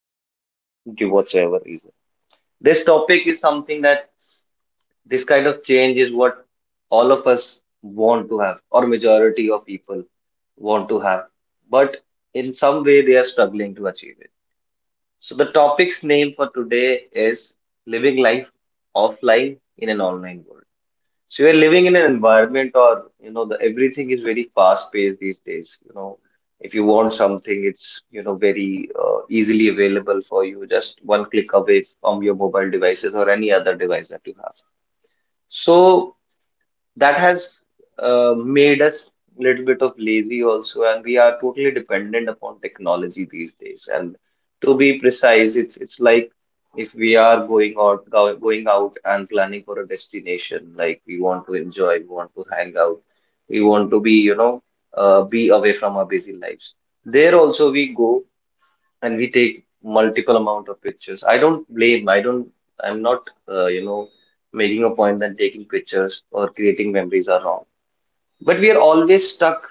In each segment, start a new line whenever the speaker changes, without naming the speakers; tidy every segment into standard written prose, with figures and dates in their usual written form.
of us, due whatsoever reason. This topic is something that this kind of change is what all of us want to have, or majority of people want to have, but in some way they are struggling to achieve it. So the topic's name for today is living life offline in an online world. So we are living in an environment, or you know, the everything is very fast paced these days. You know, if you want something, it's you know very easily available for you, just one click away from your mobile devices or any other device that you have. So that has made us a little bit of lazy also, and we are totally dependent upon technology these days. And to be precise, it's like if we are going out going out and planning for a destination, like we want to enjoy, we want to hang out, we want to be, you know, be away from our busy lives, there also we go and we take multiple amount of pictures. I don't blame. I don't. I'm not. Uh, you know, making a point that taking pictures or creating memories are wrong. But we are always stuck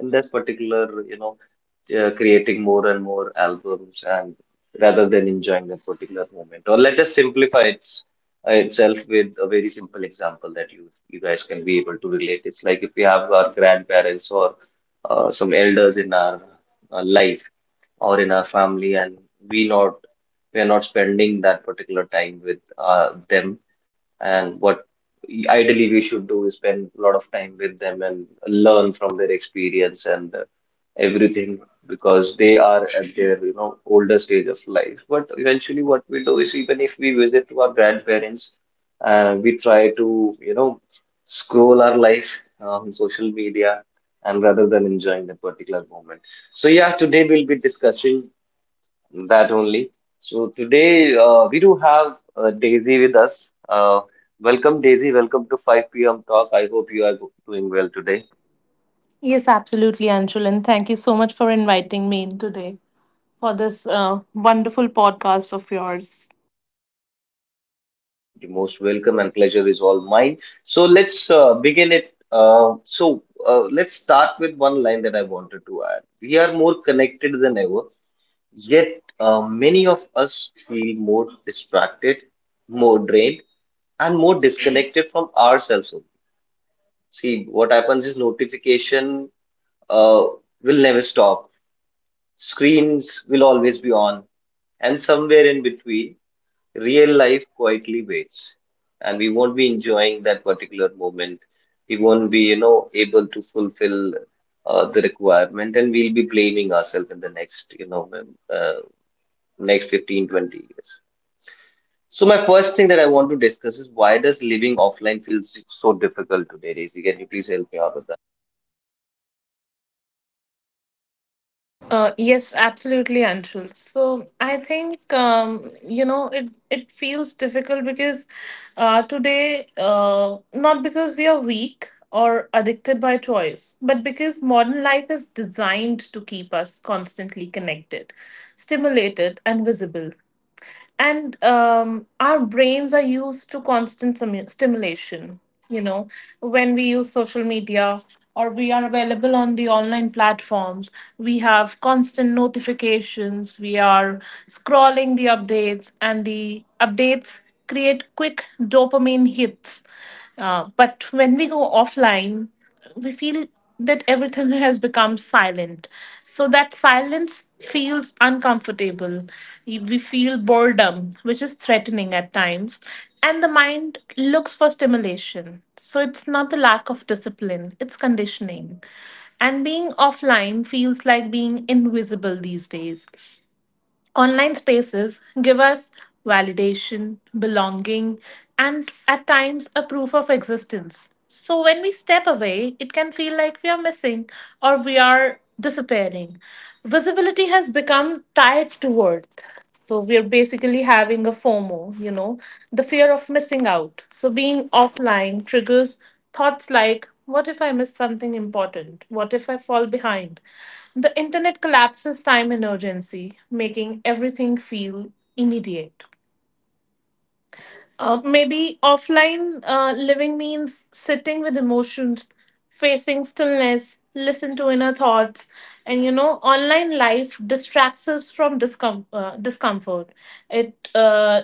in this particular. Creating more and more albums and rather than enjoying that particular moment. Or let us simplify it itself with a very simple example that you guys can be able to relate. It's like if we have our grandparents, or some elders in our life or in our family, and we not we are not spending that particular time with them. And what ideally we should do is spend a lot of time with them and learn from their experience and everything, because they are at their you know older stage of life, but eventually what we do is even if we visit to our grandparents, we try to you know scroll our life on social media, and rather than enjoying the particular moment. So yeah, today we'll be discussing that only. So today we do have Daisy with us. Welcome, Daisy. Welcome to 5 p.m. Talk. I hope you are doing well today.
Yes, absolutely, Anshul. And thank you so much for inviting me in today for this wonderful podcast of yours.
You're most welcome, and pleasure is all mine. So let's begin it. Let's start with one line that I wanted to add. We are more connected than ever, yet many of us feel more distracted, more drained, and more disconnected from ourselves. See, what happens is notification uh, will never stop. Screens will always be on, and somewhere in between, real life quietly waits. And we won't be enjoying that particular moment. We won't be, you know, able to fulfill the requirement, and we'll be blaming ourselves in the next, uh, next 15, 20 years. So my first thing that I want to discuss is why does living offline feel so difficult today, Daisy? Can you please help me out with
Yes, absolutely, Anshul. So I think you know it. It feels difficult because today, not because we are weak or addicted by choice, but because modern life is designed to keep us constantly connected, stimulated, and visible. And our brains are used to constant stimulation, you know, when we use social media or we are available on the online platforms. We have constant notifications, we are scrolling the updates and the updates, create quick dopamine hits. But when we go offline we feel that everything has become silent. So that silence feels uncomfortable. We feel boredom, which is threatening at times. And the mind looks for stimulation. So it's not the lack of discipline, it's conditioning. And being offline feels like being invisible these days. Online spaces give us validation, belonging, and at times a proof of existence. So when we step away, it can feel like we are missing or we are disappearing. Visibility has become tied to worth. So we are basically having a FOMO, you know, the fear of missing out. So being offline triggers thoughts like, what if I miss something important? What if I fall behind? The internet collapses time and urgency, making everything feel immediate. Maybe offline living means sitting with emotions, facing stillness, listen to inner thoughts, and online life distracts us from discomfort. It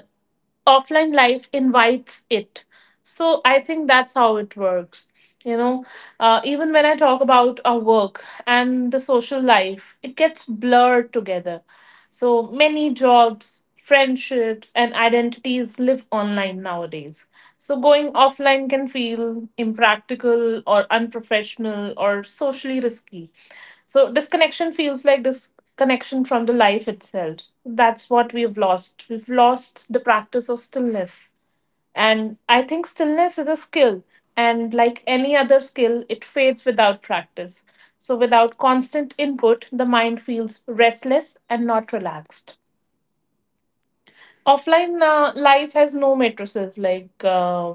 Offline life invites it. So I think that's how it works. You know, Even when I talk about our work and the social life, it gets blurred together. So many jobs, friendships, and identities live online nowadays. So going offline can feel impractical or unprofessional or socially risky. So disconnection feels like disconnection from the life itself. That's what we've lost. We've lost the practice of stillness. And I think stillness is a skill. And like any other skill, it fades without practice. So without constant input, the mind feels restless and not relaxed. Offline life has no matrices like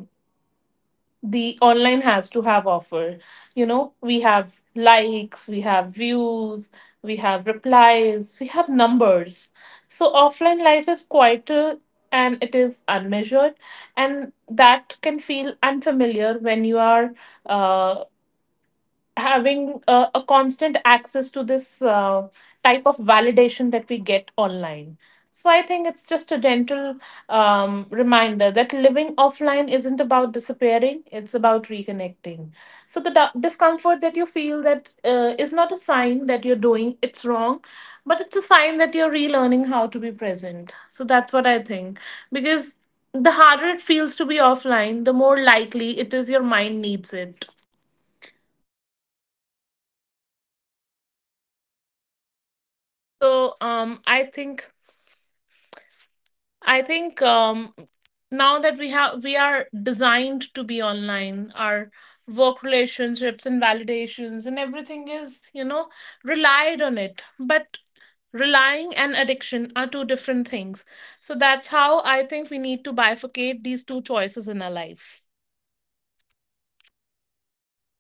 the online has to have offer. You know, we have likes, we have views, we have replies, we have numbers. So offline life is quieter and it is unmeasured, and that can feel unfamiliar when you are uh, having a constant access to this type of validation that we get online. So I think it's just a gentle reminder that living offline isn't about disappearing; it's about reconnecting. So the discomfort that you feel, that is not a sign that you're doing it's wrong, but it's a sign that you're relearning how to be present. So that's what I think, because the harder it feels to be offline, the more likely it is your mind needs it.
I think I think um, now that we are designed to be online, our work relationships and validations and everything is relied on it. But relying and addiction are two different things. So that's how I think we need to bifurcate these two choices in our life.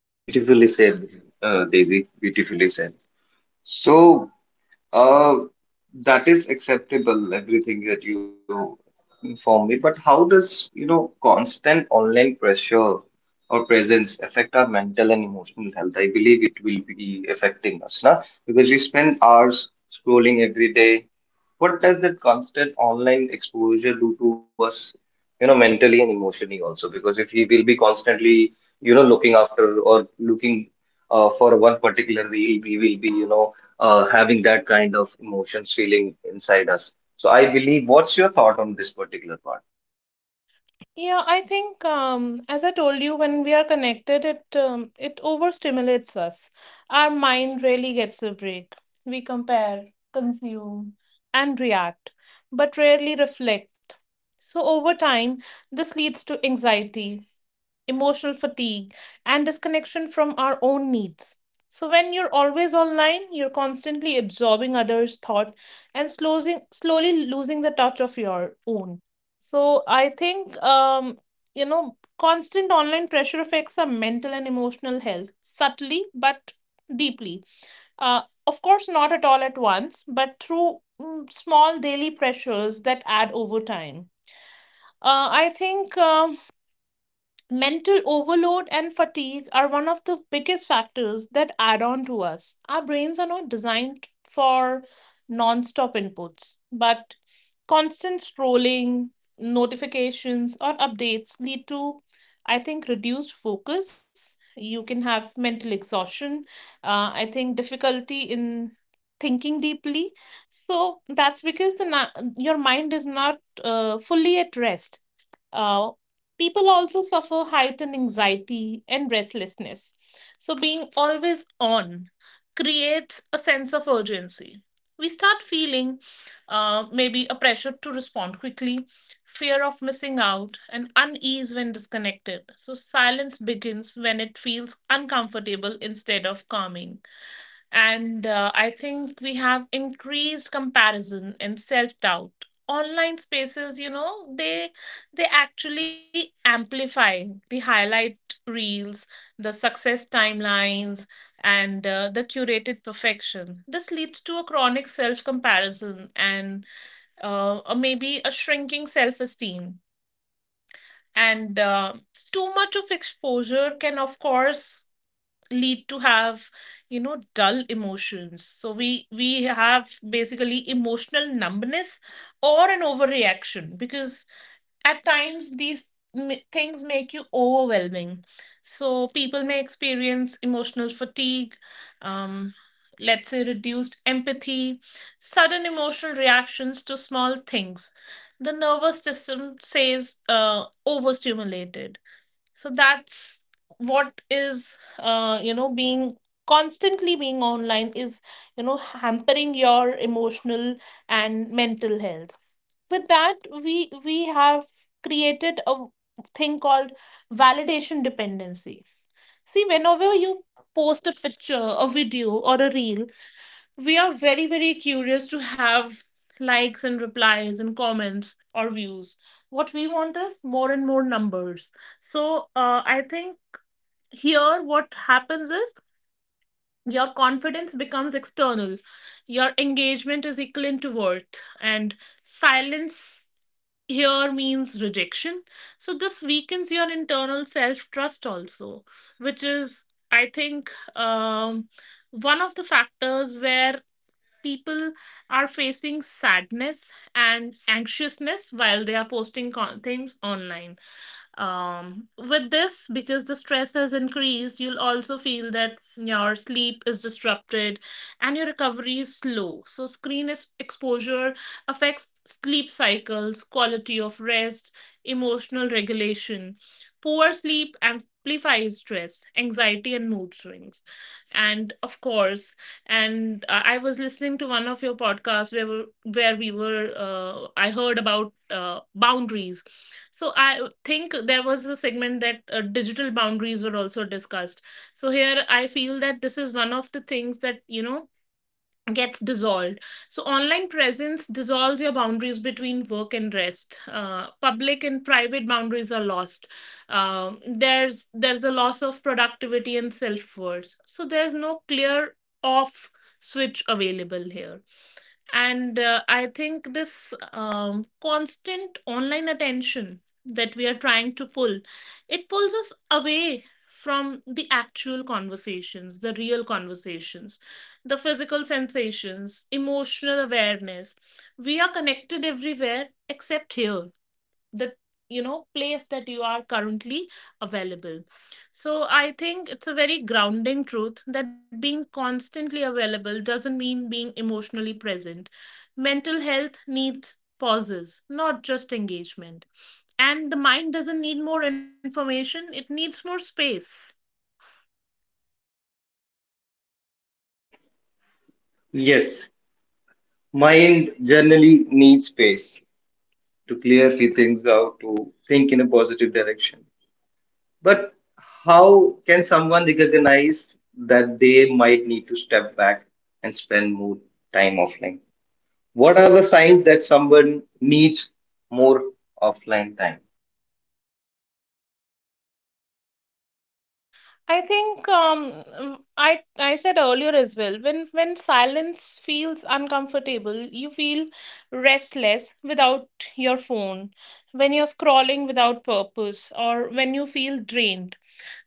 that? Beautifully said, Daisy. Beautifully said. So, uh, that is acceptable, everything that you inform me. But how does, you know, constant online pressure or presence affect our mental and emotional health? I believe it will be affecting us, na? Because we spend hours scrolling every day. What does that constant online exposure do to us, you know, mentally and emotionally also? Because if we will be constantly, you know, looking after or looking for one particular reel, we will be, you know, having that kind of emotions feeling inside us. So I believe, what's your thought on this particular part?
Yeah, I think as I told you, when we are connected, it overstimulates us. Our mind really gets a break. We compare, consume, and react, but rarely reflect. So over time, this leads to anxiety, emotional fatigue, and disconnection from our own needs. So, when you're always online, you're constantly absorbing others' thought and slowly, slowly losing the touch of your own. So, I think, constant online pressure affects our mental and emotional health subtly but deeply. Of course, not at all at once, but through small daily pressures that add over time. I think. Mental overload and fatigue are one of the biggest factors that add on to us. Our brains are not designed for non stop inputs, but constant scrolling, notifications, or updates lead to, I think, reduced focus. You can have mental exhaustion, I think, difficulty in thinking deeply. So that's because your mind is not fully at rest. Uh, People also suffer heightened anxiety and breathlessness. So, being always on creates a sense of urgency. We start feeling maybe a pressure to respond quickly, fear of missing out, and unease when disconnected. So, silence begins when it feels uncomfortable instead of calming. And I think we have increased comparison and self doubt. Online spaces, you know, they actually amplify the highlight reels, the success timelines, and the curated perfection. This leads to a chronic self comparison and or maybe a shrinking self esteem. And too much of exposure can, of course, lead to have, you know, dull emotions. So we have basically emotional numbness or an overreaction, because at times things make you overwhelming. So people may experience emotional fatigue, um, let's say reduced empathy, sudden emotional reactions to small things. The nervous system says, overstimulated. So that's what is, you know, being constantly being online is, you know, hampering your emotional and mental health. With that, we have created a thing called validation dependency. See, whenever you post a picture, a video, or a reel, we are very very curious to have likes and replies and comments or views. What we want is more and more numbers. So I think here what happens is your confidence becomes external, your engagement is equivalent to worth, and silence here means rejection. So this weakens your internal self trust also, which is, I think, um, one of the factors where people are facing sadness and anxiousness while they are things online. With this, because the stress has increased, you'll also feel that your sleep is disrupted and your recovery is slow. So, exposure affects sleep cycles, quality of rest, emotional regulation. Poor sleep amplifies stress, anxiety, and mood swings. And of course, and I was listening to one of your podcasts where we were I heard about boundaries. So I think there was a segment that digital boundaries were also discussed. So here I feel that this is one of the things that, you know, gets dissolved. So, online presence dissolves your boundaries between work and rest. Public and private boundaries are lost. There's a loss of productivity and self worth. So, there's no clear off switch available here. And I think this, constant online attention that we are trying to pull, it pulls us away from the actual conversations, the real conversations, the physical sensations, emotional awareness. We are connected everywhere except here, the, you know, place that you are currently available. So I think it's a very grounding truth that being constantly available doesn't mean being emotionally present. Mental health needs pauses, not just engagement, and the mind doesn't need more information, it needs more space.
Yes, mind generally needs space to clear few things out, to think in a positive direction. But how can someone recognize that they might need to step back and spend more time offline? What are the signs that someone needs more offline time?
I think I said earlier as well. When silence feels uncomfortable, you feel restless without your phone, when you're scrolling without purpose, or when you feel drained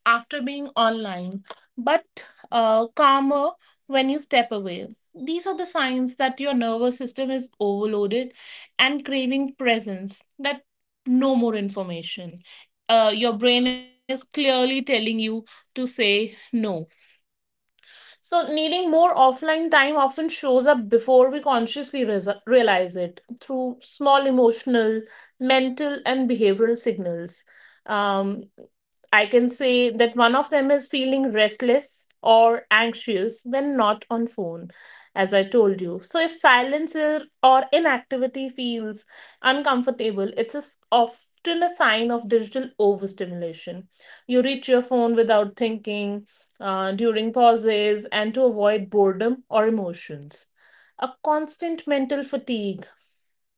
after being online, but calmer when you step away. These are the signs that your nervous system is overloaded and craving presence, that no more information. Your brain is clearly telling you to say no. So, needing more offline time often shows up before we consciously realize it through small emotional, mental, and behavioral signals. Um, I can say that one of them is feeling restless or anxious when not on phone, as I told you. So, if silence or inactivity feels uncomfortable, it's a s often a sign of digital overstimulation. You reach your phone without thinking during pauses and to avoid boredom or emotions. A constant mental fatigue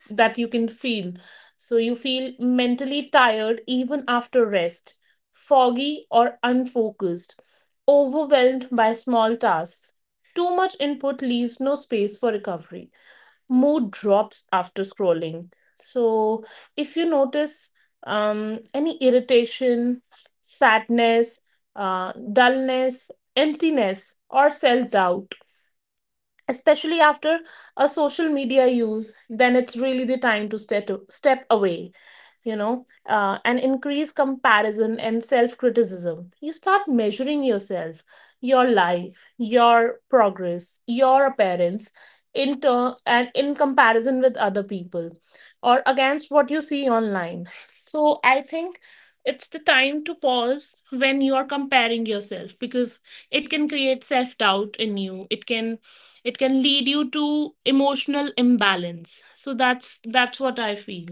that you can feel. So you feel mentally tired even after rest, foggy or unfocused, overwhelmed by small tasks. Too much input leaves no space for recovery. Mood drops after scrolling. So, if you notice any irritation, sadness, dullness, emptiness, or self doubt, especially after a social media use, then it's really the time to step away, you know. And increase comparison and self criticism, you start measuring yourself, your life, your progress, your appearance, in turn and in comparison with other people or against what you see online. So I think it's the time to pause when you are comparing yourself, because it can create self doubt in you. It can lead you to emotional imbalance. So that's what I feel.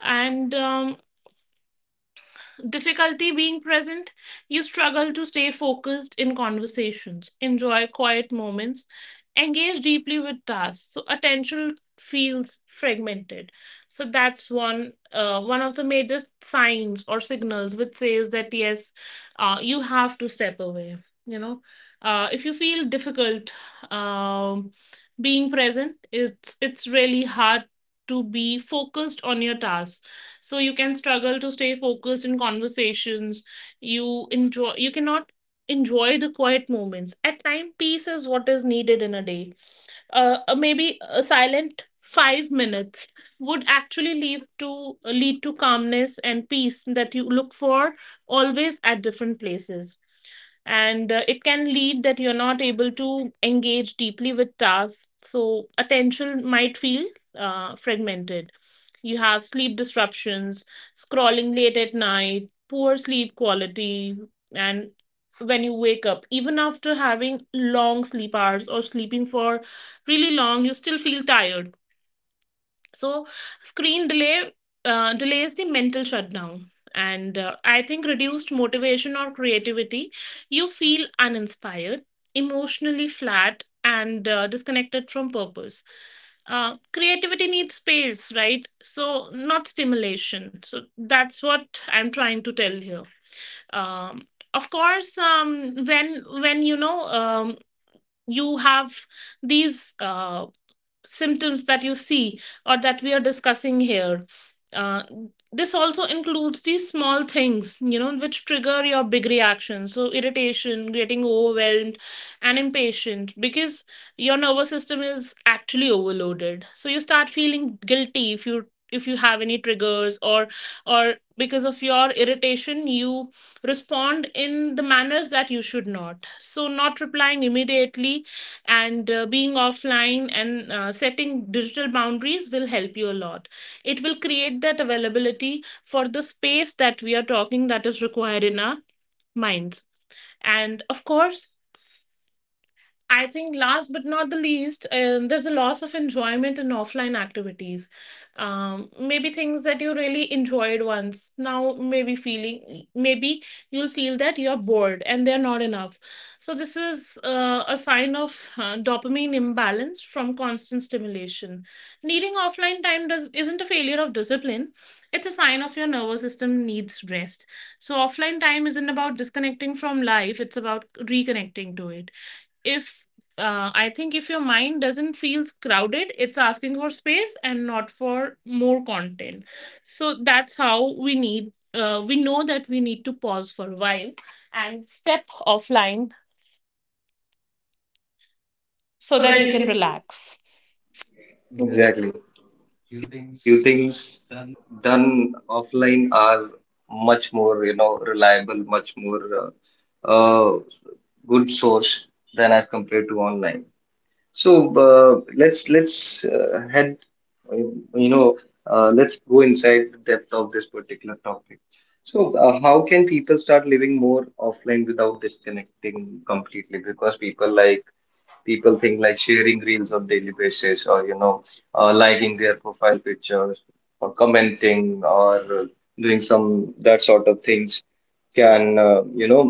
And difficulty being present, you struggle to stay focused in conversations, enjoy quiet moments, engage deeply with tasks. So attention feels fragmented. So that's one, one of the major signs or signals which says that yes, you have to step away. You know, if you feel difficult um, being present, it's really hard to be focused on your tasks. So you can struggle to stay focused in conversations. You enjoy, you cannot enjoy the quiet moments. At time, peace is what is needed in a day. Maybe a silent 5 minutes would actually lead to lead to calmness and peace that you look for always at different places. And it can lead that you're not able to engage deeply with tasks. So attention might feel fragmented. You have sleep disruptions, scrolling late at night, poor sleep quality, and when you wake up, even after having long sleep hours or sleeping for really long, you still feel tired. So screen delay, delays the mental shutdown. And I think reduced motivation or creativity, you feel uninspired, emotionally flat, and disconnected from purpose. Creativity needs space, right? So not stimulation. So that's what I'm trying to tell here. um, of course, when you know, you have these symptoms that you see or that we are discussing here. Uh, this also includes these small things, you know, which trigger your big reactions. So, irritation, getting overwhelmed, and impatient, because your nervous system is actually overloaded. So, you start feeling guilty if you have any triggers, or because of your irritation you respond in the manners that you should not. So not replying immediately, and being offline, and setting digital boundaries will help you a lot. It will create that availability for the space that we are talking, that is required in our minds. And of course, I think last but not the least, there's a loss of enjoyment in offline activities. Maybe things that you really enjoyed once, now maybe feeling, maybe you'll feel that you're bored and they're not enough. So this is a sign of dopamine imbalance from constant stimulation. Needing offline time does isn't a failure of discipline. It's a sign of your nervous system needs rest. So offline time isn't about disconnecting from life; it's about reconnecting to it. If I think if your mind doesn't feels crowded, it's asking for space and not for more content. So that's how we need. We know that we need to pause for a while and step offline so that you can relax.
Exactly. Few things done offline are much more, you know, reliable, much more uh, good source than as compared to online. So let's head, uh, you know, let's go inside the depth of this particular topic. So how can people start living more offline without disconnecting completely? Because people think like sharing reels on daily basis, or you know liking their profile pictures or commenting, or doing some that sort of things can, uh, you know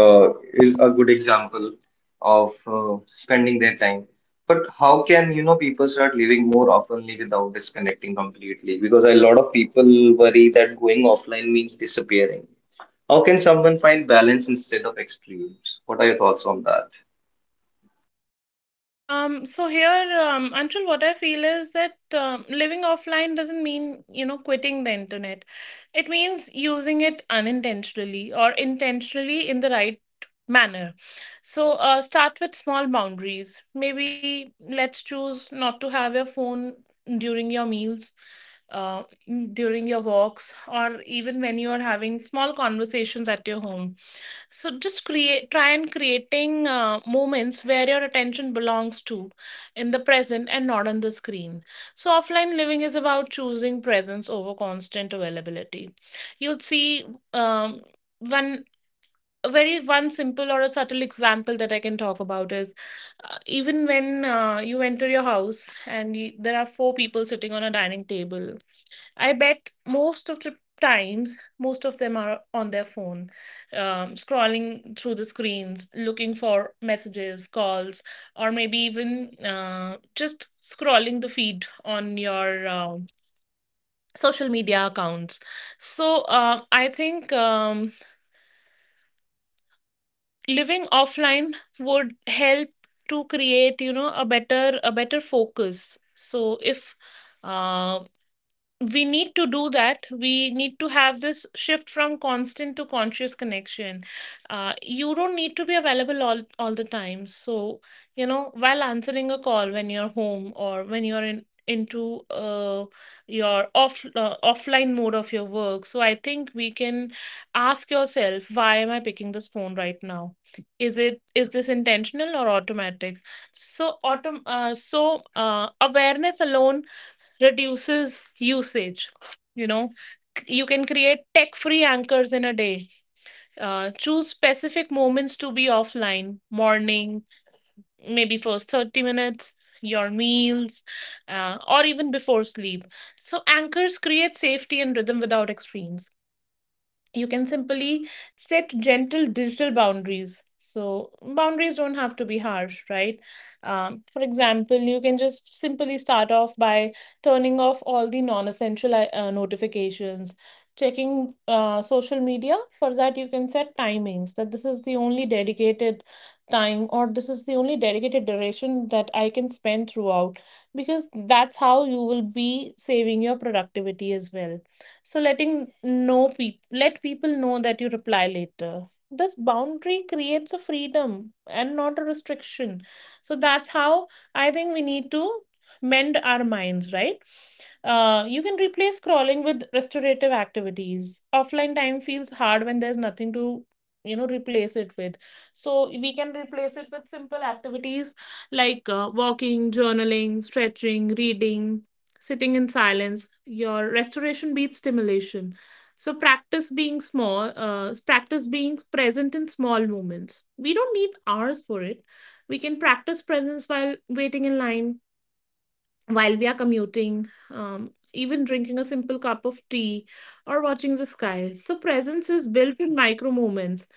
uh, is a good example of spending their time. But how can you know people start living more oftenly without disconnecting completely? Because a lot of people worry that going offline means disappearing. How can someone find balance instead of extremes? What are your thoughts on that?
So here, Anshul, what I feel is that living offline doesn't mean, you know, quitting the internet. It means using it unintentionally or intentionally in the right manner. So start with small boundaries. Maybe let's choose not to have your phone during your meals, uh, during your walks, or even when you are having small conversations at your home. So just create, try and creating moments where your attention belongs to in the present and not on the screen. So offline living is about choosing presence over constant availability. You'll see um, one a very one simple or a subtle example that I can talk about is even when you enter your house and you, there are four people sitting on a dining table. I bet most of the times, most of them are on their phone, scrolling through the screens, looking for messages, calls, or maybe even just scrolling the feed on your social media accounts. So I think living offline would help to create, a better focus. So if uh, we need to do that. We need to have this shift from constant to conscious connection. You don't need to be available all the time. So, you know, while answering a call when you're home or when you're in into your offline mode of your work. So I think we can ask yourself, why am I picking this phone right now? Is this intentional or automatic? So awareness alone reduces usage. You know, you can create tech free anchors in a day. Choose specific moments to be offline: morning, maybe first 30 minutes, your meals, or even before sleep. So anchors create safety and rhythm without extremes. You can simply set gentle digital boundaries. So boundaries don't have to be harsh, right? For example, you can just simply start off by turning off all the non-essential notifications. Checking social media, for that you can set timings, that this is the only dedicated time or this is the only dedicated duration that I can spend throughout, because that's how you will be saving your productivity as well. So let people know that you reply later. This boundary creates a freedom and not a restriction. So that's how I think we need to mend our minds, right? You can replace scrolling with restorative activities. Offline time feels hard when there's nothing to, you know, replace it with. So we can replace it with simple activities like walking, journaling, stretching, reading, sitting in silence. Your restoration beats stimulation. So practice being present in small moments. We don't need hours for it. We can practice presence while waiting in line, while we are commuting, even drinking a simple cup of tea or watching the sky. So, presence is built in micro moments.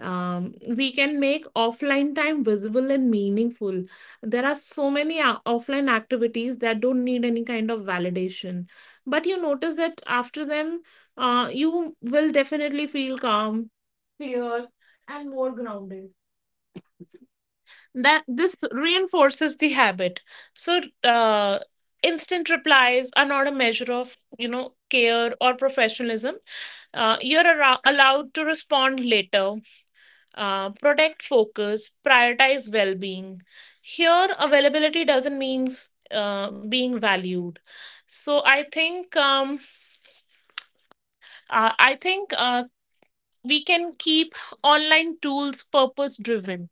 We can make offline time visible and meaningful. There are so many offline activities that don't need any kind of validation, but you notice that after them, you will definitely feel calm, clear, and more grounded. That this reinforces the habit. So uh, instant replies are not a measure of, you know, care or professionalism. Uh, You're allowed to respond later. Uh, protect focus, prioritize well-being. Here availability doesn't mean being valued. So I think we can keep online tools purpose driven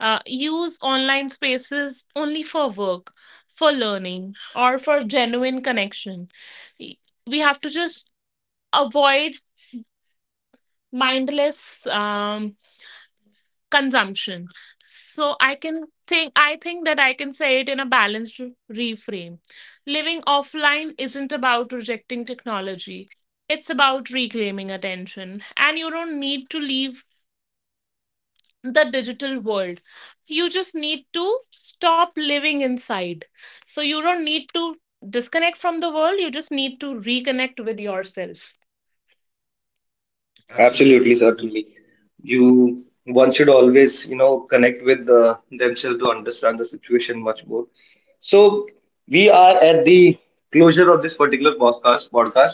use online spaces only for work, for learning, or for genuine connection. Y- we have to just avoid mindless consumption. So I think that I can say it in a balanced reframe. Living offline isn't about rejecting technology. It's about reclaiming attention. And you don't need to leave the digital world. You just need to stop living inside. So you don't need to disconnect from the world, you just need to reconnect with yourself.
Absolutely, certainly. You one should always, you know, connect with themselves to understand the situation much more. So we are at the closure of this particular podcast. Podcast.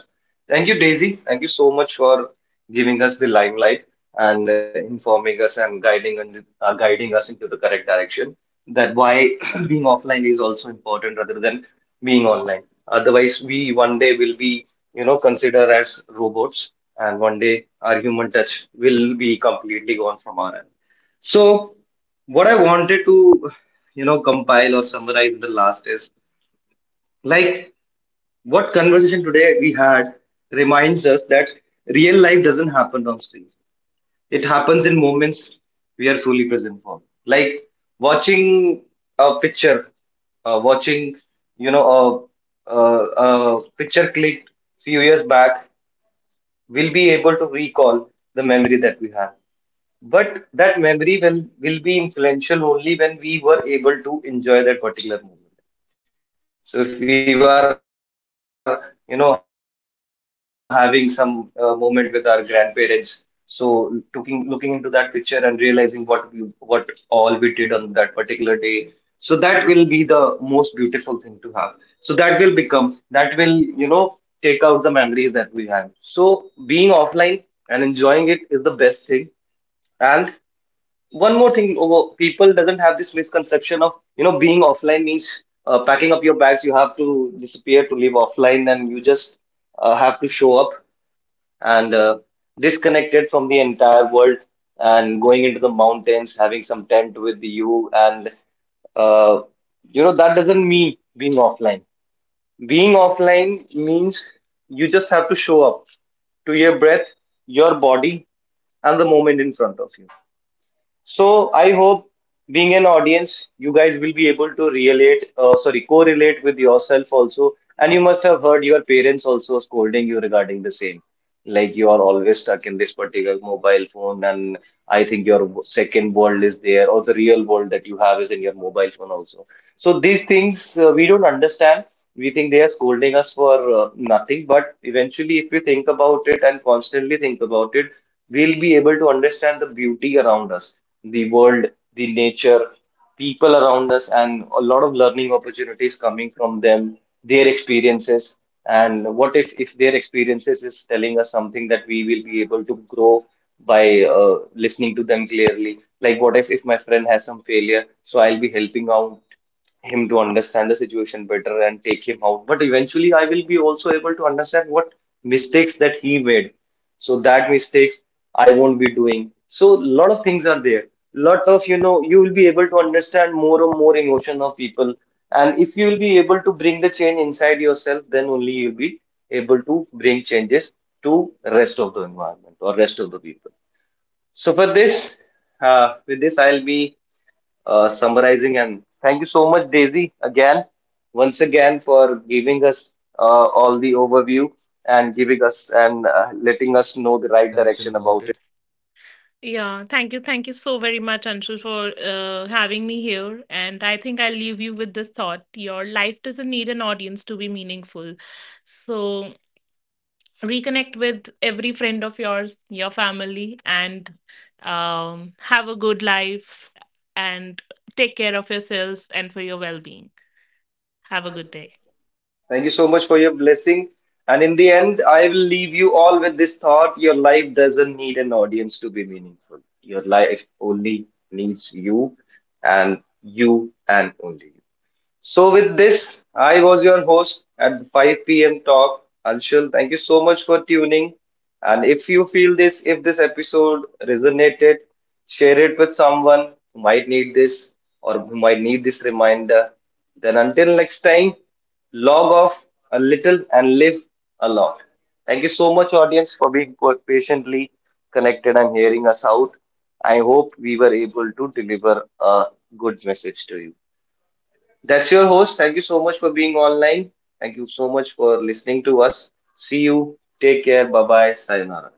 Thank you, Daisy. Thank you so much for giving us the limelight and informing us and guiding us into the correct direction. That why being offline is also important rather than being online. Otherwise, we one day will be you know consider as robots, and one day our human touch will be completely gone from our end. So what I wanted to you know compile or summarize in the last is like what conversation today we had reminds us that real life doesn't happen on screen, it happens in moments we are fully present for, like watching a picture, watching you know a, a, a picture clicked few years back, we'll be able to recall the memory that we have. But that memory will be influential only when we were able to enjoy that particular moment. So if we were, you know, having some moment with our grandparents, so looking into that picture and realizing what all we did on that particular day, so that will be the most beautiful thing to have. So that will become, that will, you know, take out the memories that we have. So being offline and enjoying it is the best thing. And one more thing, people doesn't have this misconception of you know being offline means packing up your bags, you have to disappear to live offline, and you just have to show up and disconnected from the entire world and going into the mountains having some tent with you, and uh, you know that doesn't mean being offline. Being offline means you just have to show up to your breath, your body, and the moment in front of you. So I hope, being an audience, you guys will be able to relate, sorry, correlate with yourself also. And you must have heard your parents also scolding you regarding the same. Like, you are always stuck in this particular mobile phone, and I think your second world is there, or the real world that you have is in your mobile phone also. So these things we don't understand. We think they are scolding us for nothing, but eventually, if we think about it and constantly think about it, we'll be able to understand the beauty around us, the world, the nature, people around us, and a lot of learning opportunities coming from them, their experiences. And what if their experiences is telling us something that we will be able to grow by listening to them clearly? Like, what if my friend has some failure, so I'll be helping out him to understand the situation better and take him out. But eventually, I will be also able to understand what mistakes that he made. So that mistakes I won't be doing. So lot of things are there. Lot of you know you will be able to understand more and more emotion of people. And if you will be able to bring the change inside yourself, then only you'll be able to bring changes to rest of the environment or rest of the people. So for this, with this, I'll be summarizing. And thank you so much, Daisy, again, once again, for giving us all the overview and giving us, and letting us know the right direction about it.
Yeah, thank you. Thank you so very much, Anshul, for having me here. And I think I'll leave you with this thought: your life doesn't need an audience to be meaningful. So reconnect with every friend of yours, your family, and have a good life, and take care of yourselves and for your well being. Have a good day.
Thank you so much for your blessing. And in the end, I will leave you all with this thought: your life doesn't need an audience to be meaningful. Your life only needs you, and you and only you. So, with this, I was your host at the 5 p.m. talk, Anshul. Thank you so much for tuning. And if you feel this, if this episode resonated, share it with someone who might need this, or who might need this reminder. Then, until next time, log off a little and live a lot. Thank you so much, audience, for being patiently connected and hearing us out. I hope we were able to deliver a good message to you. That's your host. Thank you so much for being online. Thank you so much for listening to us. See you. Take care. Bye bye. Sayonara.